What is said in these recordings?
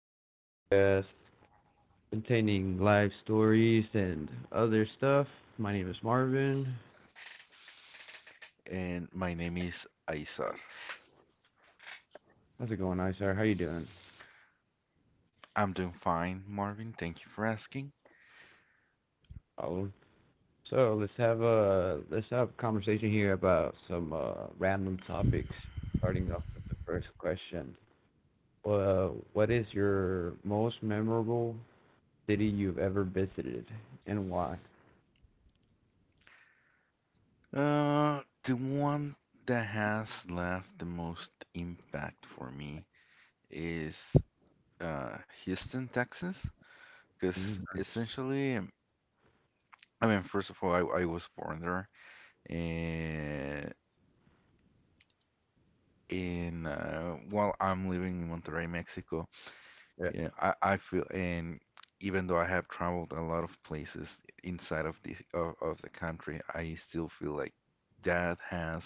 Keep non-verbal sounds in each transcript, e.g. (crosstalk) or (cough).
another podcast containing live stories and other stuff. My name is Marvin. And my name is Aizar. How's it going, Isar? How you doing? I'm doing fine, Marvin. Thank you for asking. Oh, so let's have a conversation here about some random topics. Starting off with the first question. Well, what is your most memorable city you've ever visited, and why? The one that has left the most impact for me is Houston, Texas, because Mm, nice. essentially, I mean, first of all, I was born there, and in while I'm living in Monterrey, Mexico. Yeah, Yeah, I feel, and even though I have traveled a lot of places inside of the country, I still feel like that has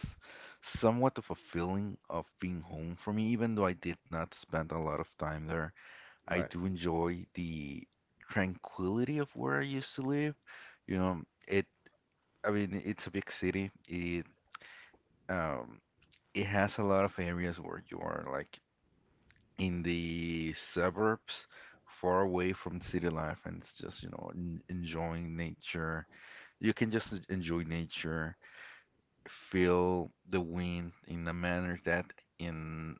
somewhat of a feeling of being home for me, even though I did not spend a lot of time there. I right, do enjoy the tranquility of where I used to live. You know, I mean, it's a big city. Um, it has a lot of areas where you are like in the suburbs, far away from city life, and it's just, you know, n enjoying nature. You can just enjoy nature, feel the wind in a manner that in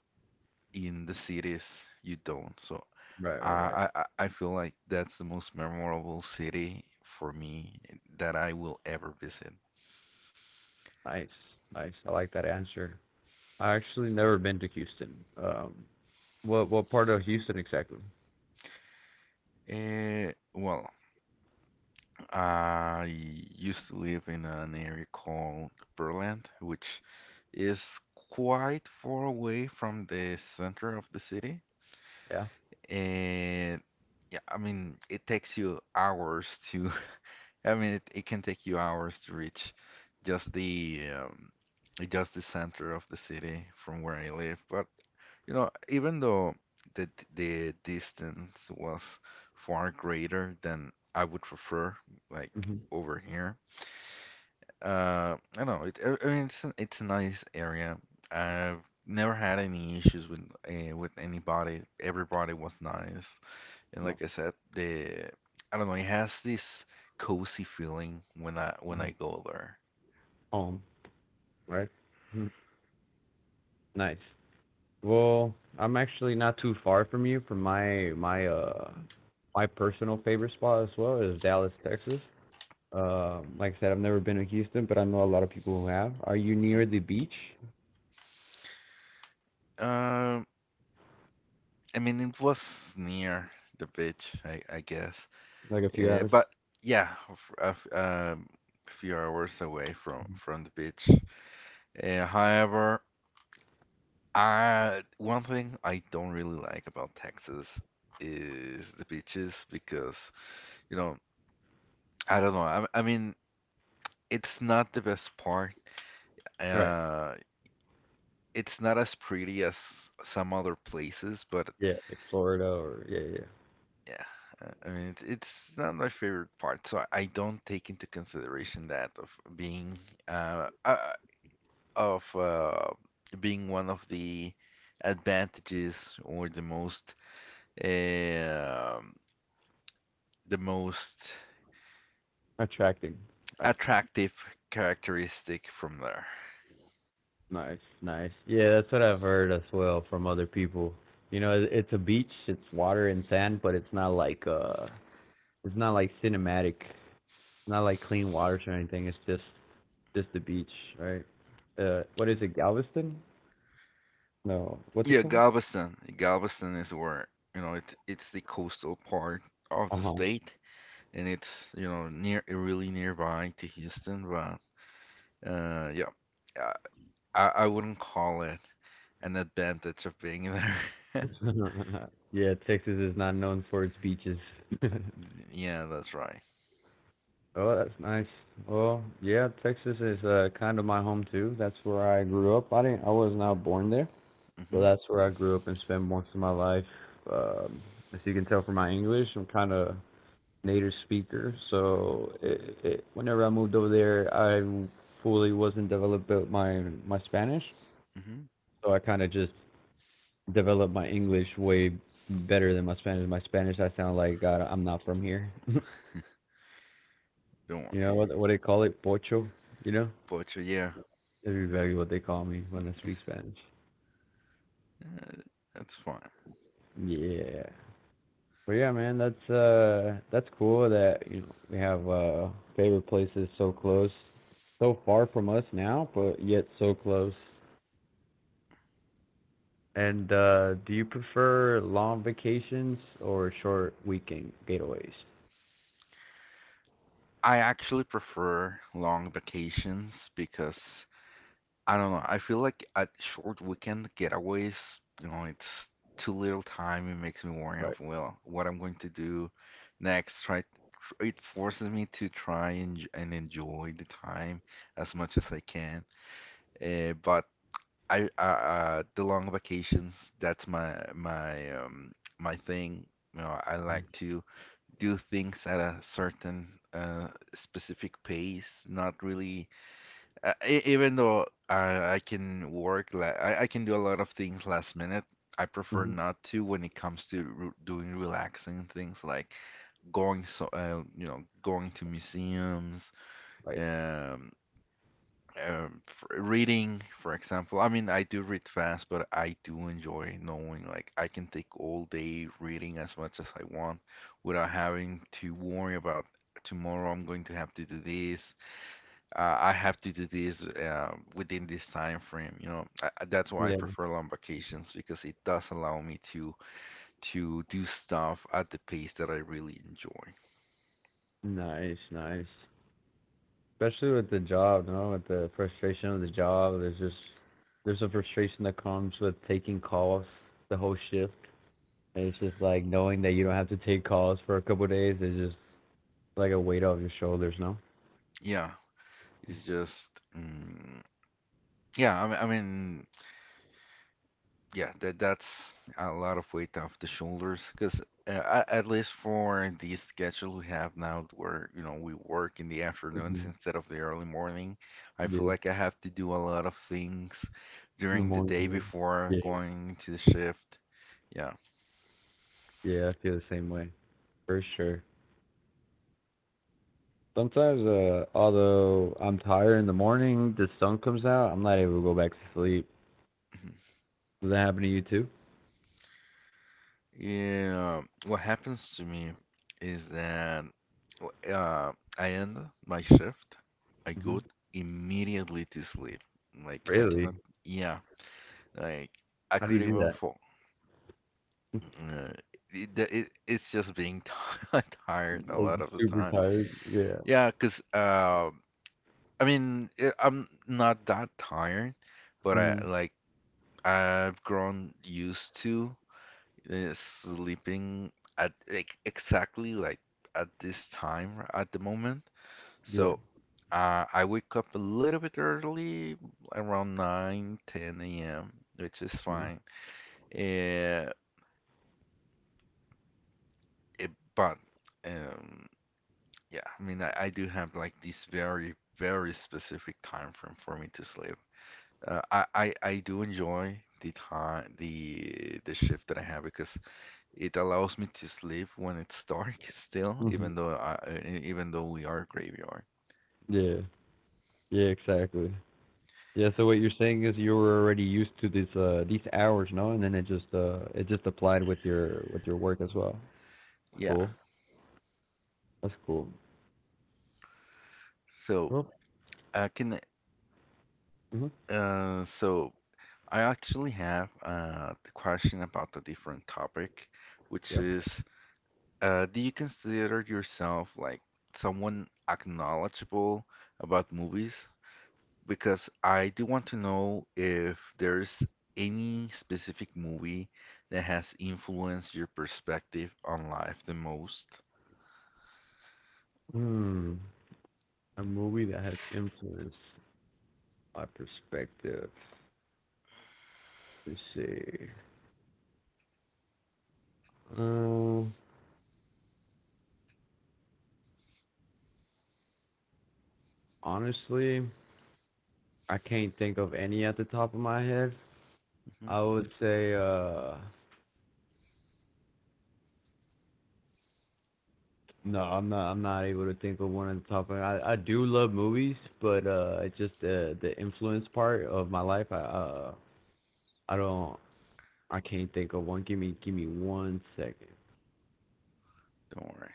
in the cities you don't. So right, I right, right. I, I I feel like that's the most memorable city for me that I will ever visit. Nice, nice. I like that answer. I actually never been to Houston. Um, what part of Houston exactly? Well, I used to live in an area called Berland, which is quite far away from the center of the city. Yeah. And yeah, I mean, it takes you hours to, (laughs) I mean, it can take you hours to reach just the um, just the center of the city from where I live. But you know, even though the the distance was far greater than I would prefer, like Hmm. over here, I don't know. I mean, it's a nice area. I've never had any issues with with anybody. Everybody was nice, and like I said, the I don't know. It has this cozy feeling when I go there. Home, right? Mhm. Nice. Well, I'm actually not too far from you. From my personal favorite spot as well is Dallas, Texas. Like I said, I've never been to Houston, but I know a lot of people who have. Are you near the beach? Um, I mean, it was near the beach, I guess. Like a few hours? But yeah, few hours away from the beach. However, I one thing I don't really like about Texas is the beaches, because you know I don't know, I mean, it's not the best part. Right. uh it's not as pretty as some other places. But Yeah, like Florida or yeah, yeah. yeah, I mean, it's not my favorite part, so I don't take into consideration that uh, uh of being one of the advantages or um the most Attracting. Right. attractive characteristic from there. Nice, nice. Yeah, that's what I've heard as well from other people. You know, it's a beach, it's water and sand, but it's not like cinematic, it's not like clean waters or anything. It's just the beach, right? What is it, Galveston? No, what's it Yeah, called? Galveston. Galveston is where, you know, it's the coastal part of Uh the huh. state, and it's, you know, near really nearby to Houston, but yeah. Uh, I wouldn't call it an advantage of being there. (laughs) (laughs) Yeah, Texas is not known for its beaches. (laughs) Yeah, that's right. Oh, that's nice. Well, yeah, Texas is kind of my home too. That's where I grew up. I was not born there. So Mm-hmm. that's where I grew up and spent most of my life. Um, as you can tell from my English, I'm kind of native speaker. So whenever I moved over there, I fully wasn't developed my Spanish. Mm-hmm. So I kind of just developed my English way better than my Spanish. My Spanish, I sound like God. I'm not from here. (laughs) You Don't worry. know what they call it, pocho. You know, But yeah, that's exactly what they call me when I speak Spanish. uh, that's fine. Yeah. But yeah, man, that's cool that we have favorite places so close, so far from us now, but yet so close. And do you prefer long vacations or short weekend getaways? I actually prefer long vacations, because I don't know. I feel like at short weekend getaways, you know, it's too little time. It makes me worry Right. of, well, what I'm going to do next. Try It forces me to try and enjoy the time as much as I can. But I the long vacations, that's my thing. You know, I like to do things at a certain specific pace, not really. Even though I can work, like I can do a lot of things last minute, I prefer Hmm. not to when it comes to re doing relaxing things, like going so, you know, going to museums, Right. um, f reading, for example. I mean, I do read fast, but I do enjoy knowing like I can take all day reading as much as I want, without having to worry about tomorrow I'm going to have to do this I have to do this within this time frame. You know, that's why I Yeah. prefer long vacations, because it does allow me to do stuff at the pace that I really enjoy. Nice, nice. Especially with the job, with the frustration of the job, there's a frustration that comes with taking calls the whole shift. And it's just like knowing that you don't have to take calls for a couple of days is just like a weight off your shoulders, no? Yeah, it's just yeah. I mean, yeah, that's a lot of weight off the shoulders, because at least for the schedule we have now, where you know we work in the afternoons Mhm. instead of the early morning, I feel Yeah. like I have to do a lot of things In the during the day morning. before Yeah. going to the shift. Yeah. (clears throat) Yeah, yeah, I feel the same way. For sure. Sometimes, although I'm tired in the morning, the sun comes out, I'm not able to go back to sleep. Mhm. Does that happen to you too? Yeah, what happens to me is that I end my shift, I go Hmm. immediately to sleep. Like I Really? cannot. Yeah. Like I How do could you do even that? fall. uh, it's just being (laughs) tired a Like lot of the super time. tired. Yeah. Yeah, cause uh, I mean I'm not that tired, but I Hmm. like I've grown used to sleeping at like exactly like at this time at the moment. Yeah. So I wake up a little bit early, around 9:10 a.m., which is fine. Uh, but um, yeah, I mean, I do have like this very, very specific time frame for me to sleep. I do enjoy the time, the shift that I have, because it allows me to sleep when it's dark (laughs) still, Mm-hmm. Even though we are graveyard. Yeah. Yeah, exactly. Yeah, so what you're saying is you were already used to these hours, no? And then it just applied with your work as well. That's Yeah. cool. That's cool. So Well, I can, mhm, so I actually have the question about the different topic, which yep. is, do you consider yourself like someone acknowledgeable about movies? Because I do want to know if there's any specific movie that has influenced your perspective on life the most. Hmm. A movie that has influenced my perspective. Let's see. Um, Honestly, I can't think of any at the top of my head. Hmm. I would say, no, I'm not. I'm not able to think of one at the top of. My, I do love movies, but it's just the influence part of my life. I don't. I can't think of one. Give me 1 second. Don't worry.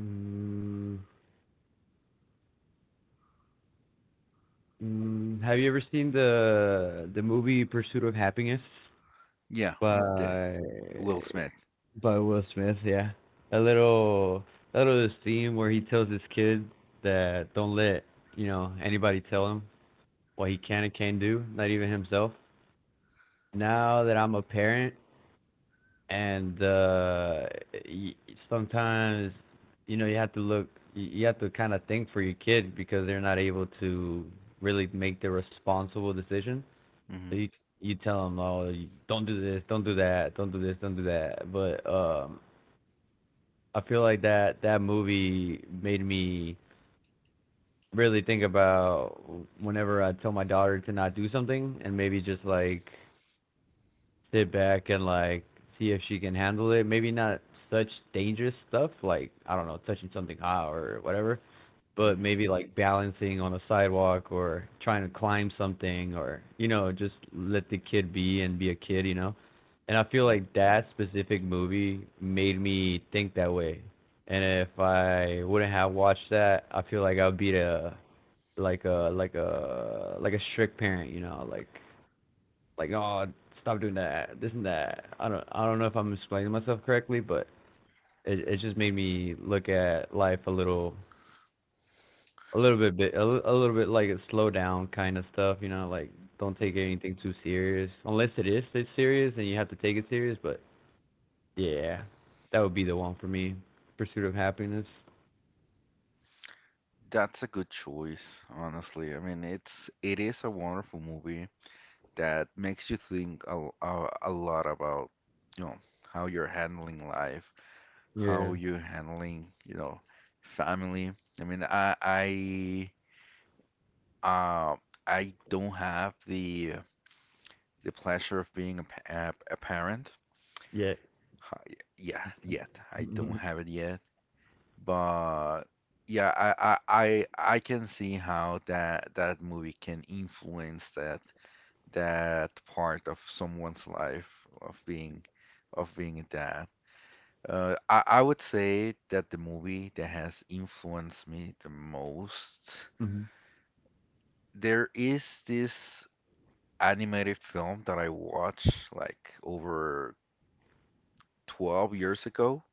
Mm, have you ever seen the movie Pursuit of Happiness Yeah, the by Will Smith. by Will Smith? Yeah, a little a little this scene where he tells his kid that don't let anybody tell him what he can and can't do, not even himself. Now that I'm a parent, and y- sometimes you have to look, you have to kind of think for your kid because they're not able to really make the responsible decision. So Hmm. you tell them, oh, don't do this, don't do that, don't do this, don't do that. But I feel like that movie made me really think about whenever I tell my daughter to not do something, and maybe just like sit back and like see if she can handle it. Maybe not such dangerous stuff, like I don't know, touching something hot or whatever. But Hmm. maybe like balancing on a sidewalk or trying to climb something, or just let the kid be and be a kid. And I feel Yeah. like that specific movie made me think that way. And if I wouldn't have watched that, I feel like I would be a like a like a like a strict parent. Oh, stop doing that this and that. I don't know if I'm explaining myself correctly, but it just made me look at life a little bit like a slow down kind of stuff, like don't Mhm. take anything too serious. Unless it's serious, then you have to take it serious. But yeah, that would be the one for me. Pursuit of Happiness. That's a good choice, honestly. I mean, it is a wonderful movie that makes you think a lot about, you know, how you're handling life, Yeah. how you're handling, you know, family. I mean, I uh, I don't have the pleasure of being a parent. Yeah. Ha- Yeah, yet I don't Mhm. have it yet, but yeah, I can see how that movie can influence that part of someone's life, of being that. I would say that the movie that has influenced me the most, Mhm. there is this animated film that I watched like over 12 years ago.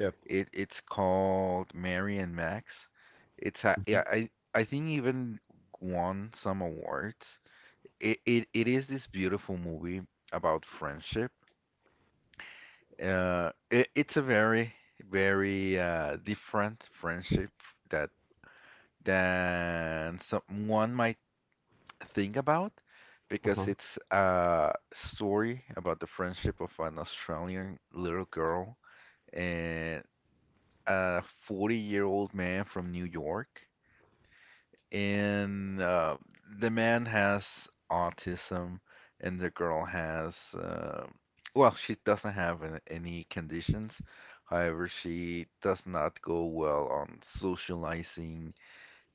Yep. It's called Mary and Max. Yeah, I think even won some awards. It is this beautiful movie about friendship. It's a very, very different friendship, that than someone might think about, Uh because huh. it's a story about the friendship of an Australian little girl and a 40-year-old man from New York. And The man has autism, and the girl has, well, she doesn't have any conditions. However, she does not go well on socializing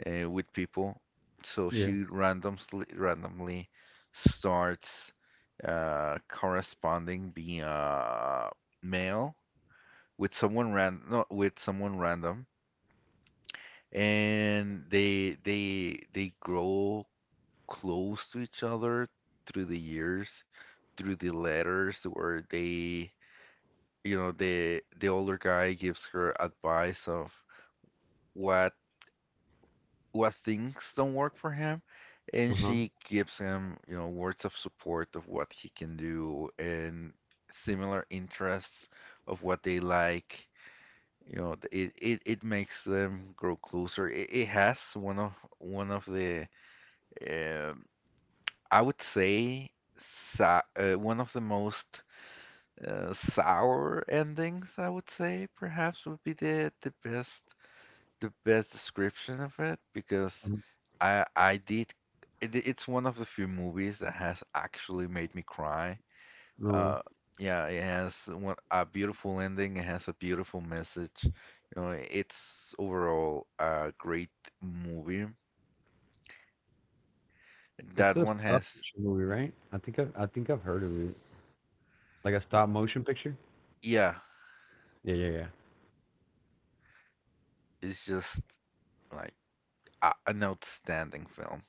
with people, so Yeah. she randomly starts corresponding via mail with someone ran no, with someone random, and they grow close to each other through the years, through the letters where they, you know, the older guy gives her advice of what what things don't work for him, Uh and huh. she gives him, you know, words of support of what he can do, and similar interests of what they like. You know, It makes them grow closer. It has one of the, uh, I would say, sa one of the most sour endings, I would say, perhaps would be the the best description of it, because I I did it's one of the few movies that has actually made me cry. No way. Uh, yeah, it has a beautiful ending. It has a beautiful message. You know, it's overall a great movie. It's That a one stop has, picture movie, right? I think I've heard of it. Like a stop motion picture. yeah, Yeah, yeah, yeah. it's just like an outstanding film,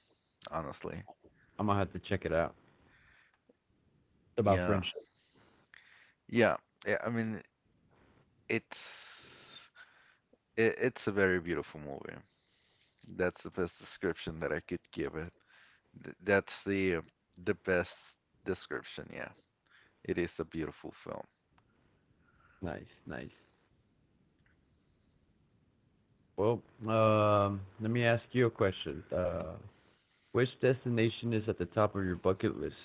honestly. I'm gonna have to check it out. It's about Yeah, friendship. yeah, yeah. I mean, it's it's a very beautiful movie. That's the best description that I could give it. That's the best description. Yeah, it is a beautiful film. Nice, nice. Well, let me ask you a question. Which destination is at the top of your bucket list?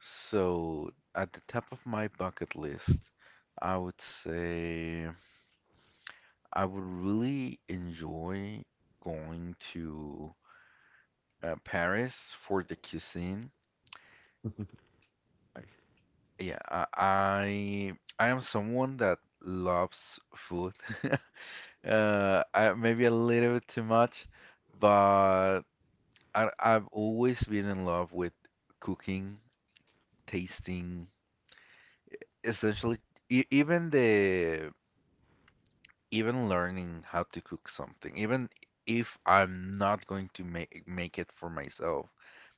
So at the top of my bucket list, I would say I would really enjoy going to Paris for the cuisine. Yeah, I am someone that loves food. (laughs) Maybe a little bit too much, but I've always been in love with cooking, tasting, essentially e even the even learning how to cook something, even if I'm not going to make it for myself,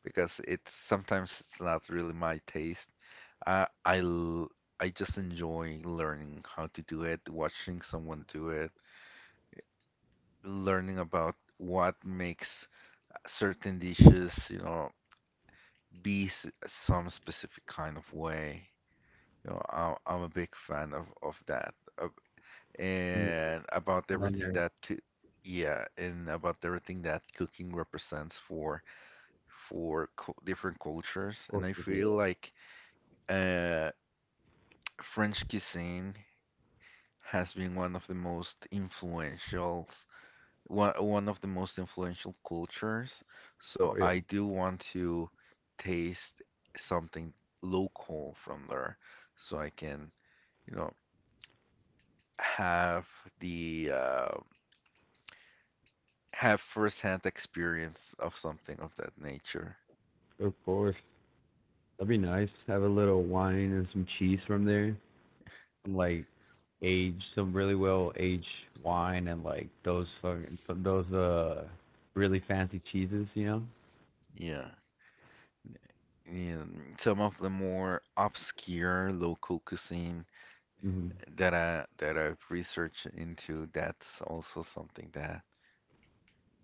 because it's sometimes it's not really my taste. I I l- I just enjoy learning how to do it, watching someone do it, learning about what makes certain dishes, you know, be some specific kind of way. You know, I'm a big fan of that, Mm. and about On there, everything of yeah, and about everything that cooking represents for cu different cultures. And course. I Yeah. feel like uh French cuisine has been one of the most influential, one of the most influential cultures. Oh So yeah. I do want to taste something local from there, so I can, you know, have the have firsthand experience of something of that nature. Of course. That'd be nice. Have a little wine and some cheese from there. Some like aged, some really well aged wine, and like those fucking those really fancy cheeses. Yeah. And some of the more obscure local cuisine Hmm. That I've researched into, that's also something that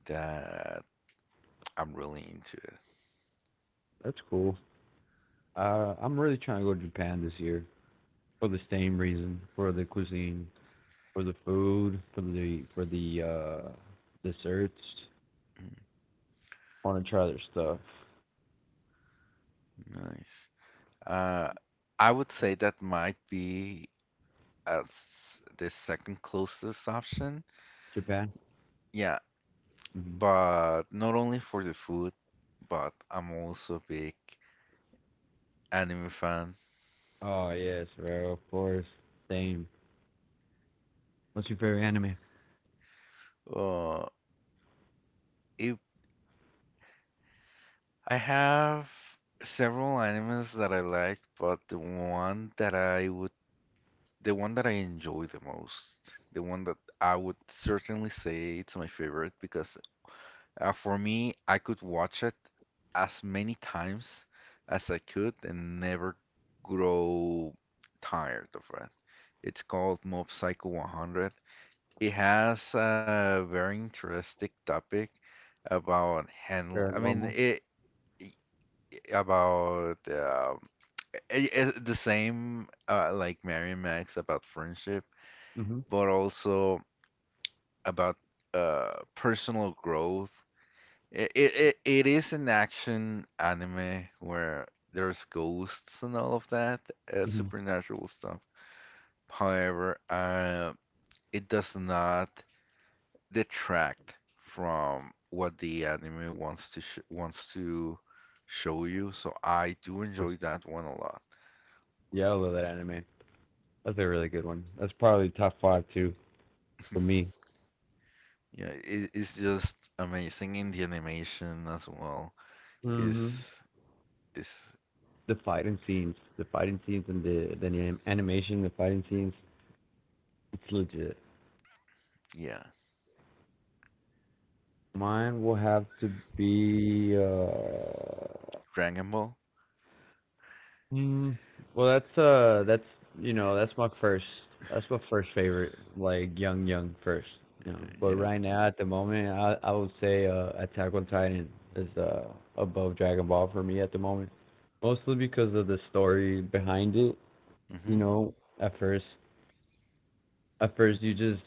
that I'm really into it. That's cool. I'm really trying to go to Japan this year for the same reason, for the cuisine. For the food, for the desserts. Want to try their stuff. Mm. Nice. Uh, I would say that might be as the second closest option. Japan. Yeah, Hmm. but not only for the food, but I'm also a big anime fan. Oh yes, bro. Of course. Same. What's your favorite anime? Uh, it, I have several animes that I like, but the one that I enjoy the most, the one that I would certainly say it's my favorite. Because for me, I could watch it as many times as I could and never grow tired of it. It's called Mob Psycho 100. It has a very interesting topic about handle. I mean, Paranormal. it about I the same like Mary and Max, about friendship, Mhm. but also about personal growth. It is an action anime where there's ghosts and all of that, Mhm. Of supernatural stuff. However, it does not detract from what the anime wants to show you. So I do course. enjoy that one a lot. Yeah, I love that anime. That's a really good one. That's probably top five too for me. Yeah, it's just amazing, in the animation as well Mhm. is is The fighting scenes, and animation, the fighting scenes. It's legit. yeah, Mine will have to be Dragon Ball. Mm, well, that's you know, that's my first, that's my first favorite, like young, young first. But Yeah. right now, at the moment, I would say Attack on Titan is above Dragon Ball for me at the moment, mostly because of the story behind it. You know, at first, at first you just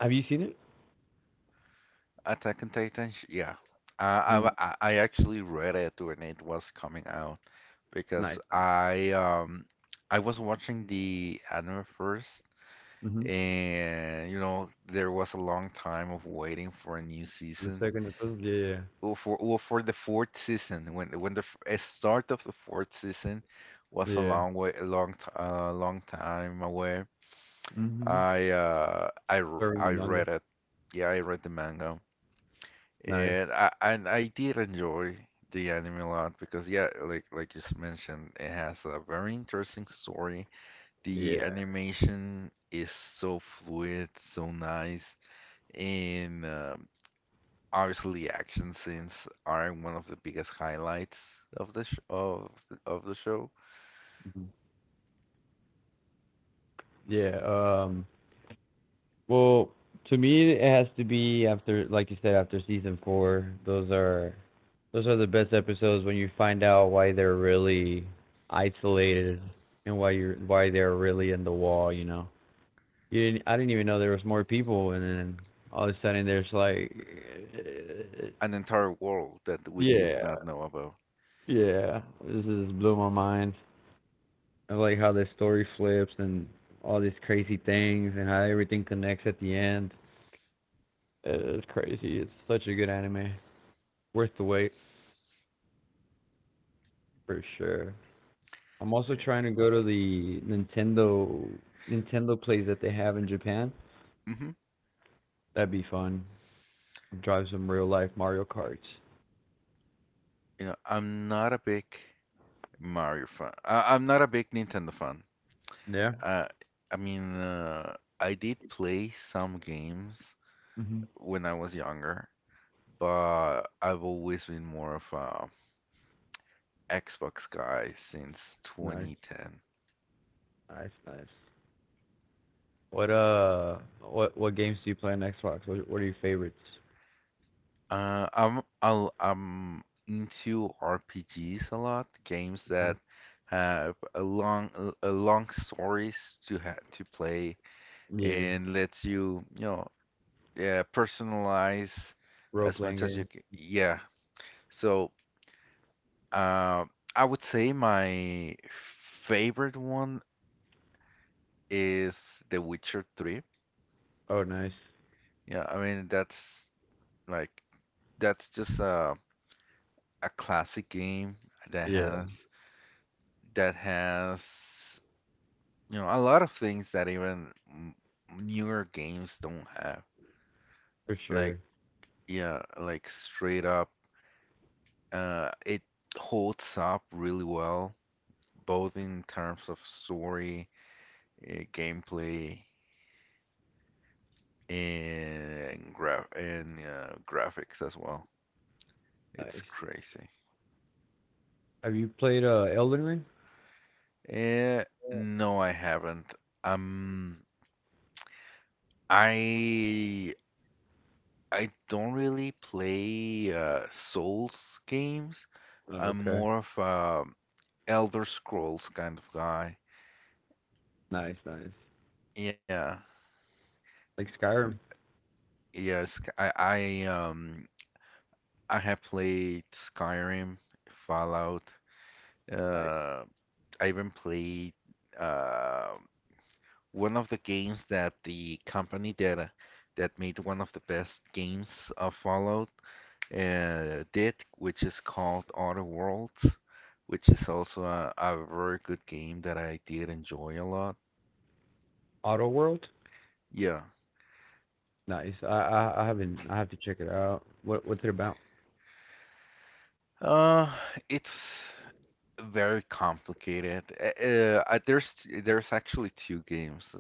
have you seen it? Attack on Titan, yeah. I Mm. w- I actually read it when it was coming out because Nice, nice. I was watching the anime first Mhm. and you know there was a long time of waiting for a new For the season. second episode, yeah, Well, for the fourth season when start of the fourth season was yeah, yeah. A long time away. Mhm. Or in I the manga. read it. Yeah, I read the manga. Nice. And I did enjoy the anime a lot because yeah, like mentioned, it has a very interesting story. The Yeah. animation is so fluid, so nice, and obviously action scenes are one of the biggest highlights of the sh of the show. Yeah. Well, to me, it has to be after, like you said, after season 4. Those are the best episodes when you find out why they're really isolated and why they're really in the wall. You know, you didn't, I didn't even know there was more people, and then all of a sudden there's like, (laughs) An entire world that we did yeah, not know about. yeah. This is blew my mind. I like how the story flips and all these crazy things and how everything connects at the end. It's crazy. It's such a good anime. Worth the wait for sure. I'm also Yeah. trying to go to the Nintendo plays that they have in Japan. Hmm. That'd be fun. Drive some real life Mario Karts. You know, I'm not a big Mario fan. I'm not a big Nintendo fan. Yeah. Uh, I mean, uh, I did play some games Hmm. when I was younger, but I've always been more of a Xbox guy since Nice, 2010. nice, nice. What games do you play on Xbox? What are your favorites? I'm into RPGs a lot, games that have a long stories to play Yeah, and lets you, you know, yeah, personalize role as playing much as you games. can. Yeah. So Uh, I would say my favorite one is The Witcher 3. Oh, nice. Yeah, I mean that's like that's just a classic game that Yeah, has that has you know a lot of things that even newer games don't have. for Like sure. yeah, like straight up, it holds up really well, both in terms of story, gameplay, and graphics as well. It's Nice. crazy. Have you played Elden Ring? Uh, no, I haven't. Um, I I don't really play Souls games. Oh, I'm okay. more of a Elder Scrolls kind of guy. Nice, nice. Yeah, Like Skyrim. yes. I have played Skyrim, Fallout. Nice. Uh, I even played uh one of the games that the company that that made one of the best games of Fallout did, which is called Outer Worlds, which is also a very good game that I did enjoy a lot. Auto World. Yeah, Nice. I haven't. I have to check it out. What's it about? uh, it's very complicated. There's actually two games.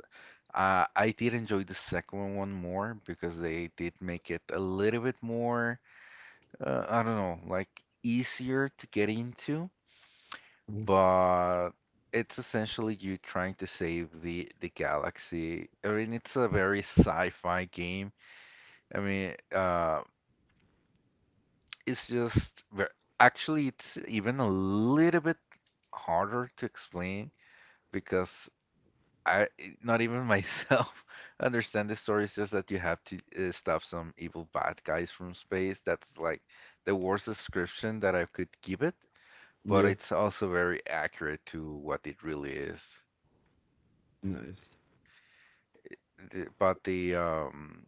I did enjoy the second one more because they did make it a little bit more I don't know, like easier to get into, Mhm. but it's essentially you trying to save the galaxy. I mean, it's a very sci-fi game. I mean, it's actually it's even a little bit harder to explain because I not even myself (laughs) understand the story. It's just that you have to stop some evil bad guys from space. That's like the worst description that I could give it, but Yeah. it's also very accurate to what it really is. Nice. But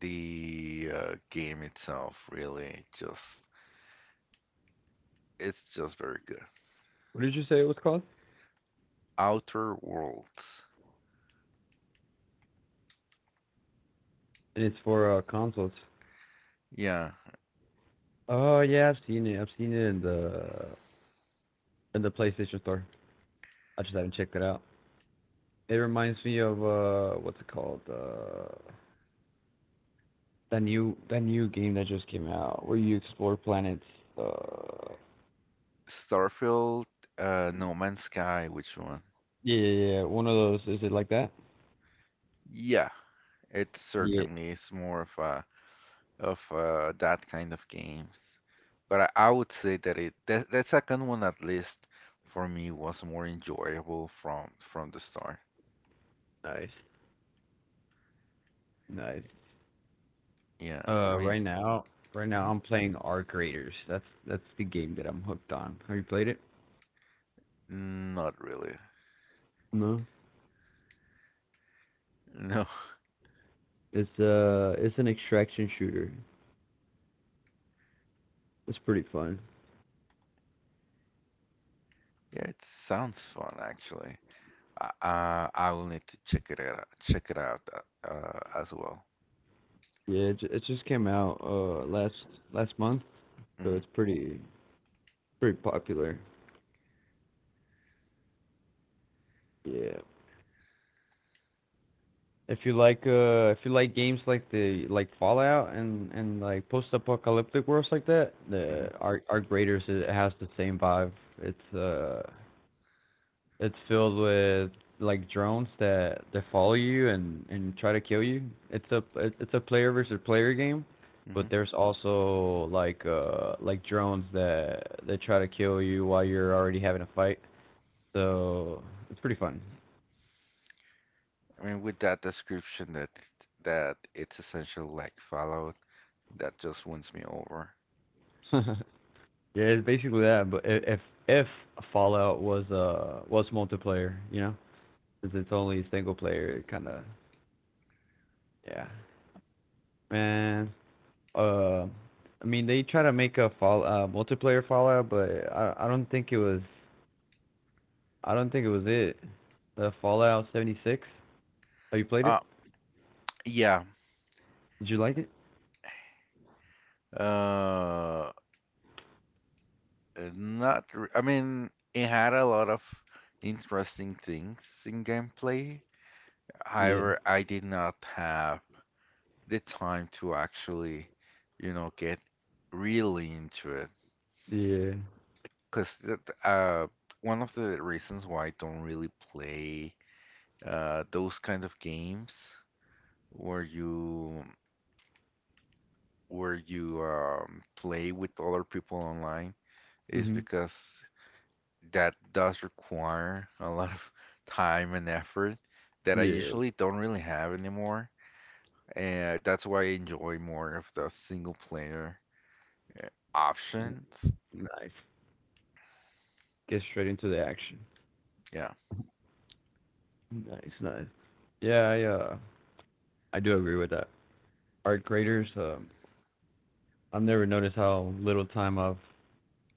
the game itself really just it's just very good. What did you say it was called? Outer Worlds. And it's for consoles. Yeah, Oh yeah, I've seen it. I've seen it in the PlayStation Store. I just haven't checked it out. It reminds me of what's it called? That new game that just came out where you explore planets. Uh, Starfield, No Man's Sky, which one? yeah, yeah, yeah. One of those. Is it like that? Yeah, it Yeah. certainly is more of a of that kind of games. But I would say that that second one at least for me was more enjoyable from the start. Nice, nice. Yeah, I Uh, mean, right now, right now I'm playing Arc Raiders. That's the game that I'm hooked on. Have you played it? mhm. Not really. No, No. (laughs) it's an extraction shooter. It's pretty fun. Yeah, it sounds fun actually. I will need to check it out as well. Yeah, it just came out last month, so Hmm. it's pretty popular. Yeah. If you like games like the like Fallout and like post apocalyptic worlds like that, Hmm. the Arc Raiders, it has the same vibe. It's uh it's filled with like drones that follow you and try to kill you. It's a player versus player game, Hmm. but there's also like drones that try to kill you while you're already having a fight. So it's pretty fun. I mean, with that description that that it's essentially like Fallout, that just wins me over. (laughs) Yeah, it's basically that. But if Fallout was multiplayer, since it's only single player, it kind of yeah. Man, uh I mean they try to make a fall multiplayer Fallout, but I don't think it was it. The Fallout 76. Have you played it? Uh, yeah. Did you like it? Uh, not. Re I mean, it had a lot of interesting things in gameplay. Yeah. However, I did not have the time to actually, you know, get really into it. Yeah. Because uh, one of the reasons why I don't really play those kind of games where you play with other people online is Mhm. because that does require a lot of time and effort that I Yeah. usually don't really have anymore. And that's why I enjoy more of the single player uh, options. Nice. Get straight into the action. Yeah. Nice, nice. Yeah, I do agree with that. Art graders, I've never noticed how little time I've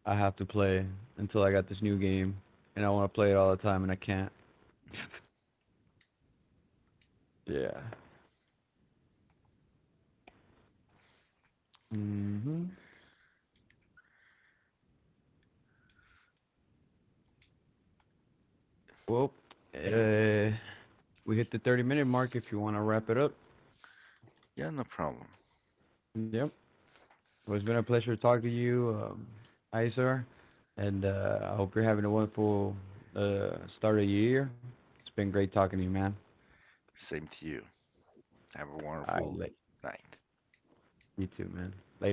I have to play until I got this new game and I wanna play it all the time and I can't. Yeah. Mhm. Well, uh, we hit the 30-minute mark if you want to wrap it up. Yeah, no problem. Yep. Well, it's been a pleasure talking to you, Isar, and I hope you're having a wonderful start of your year. It's been great talking to you, man. Same to you. Have a All wonderful right, night. you too, man. Later.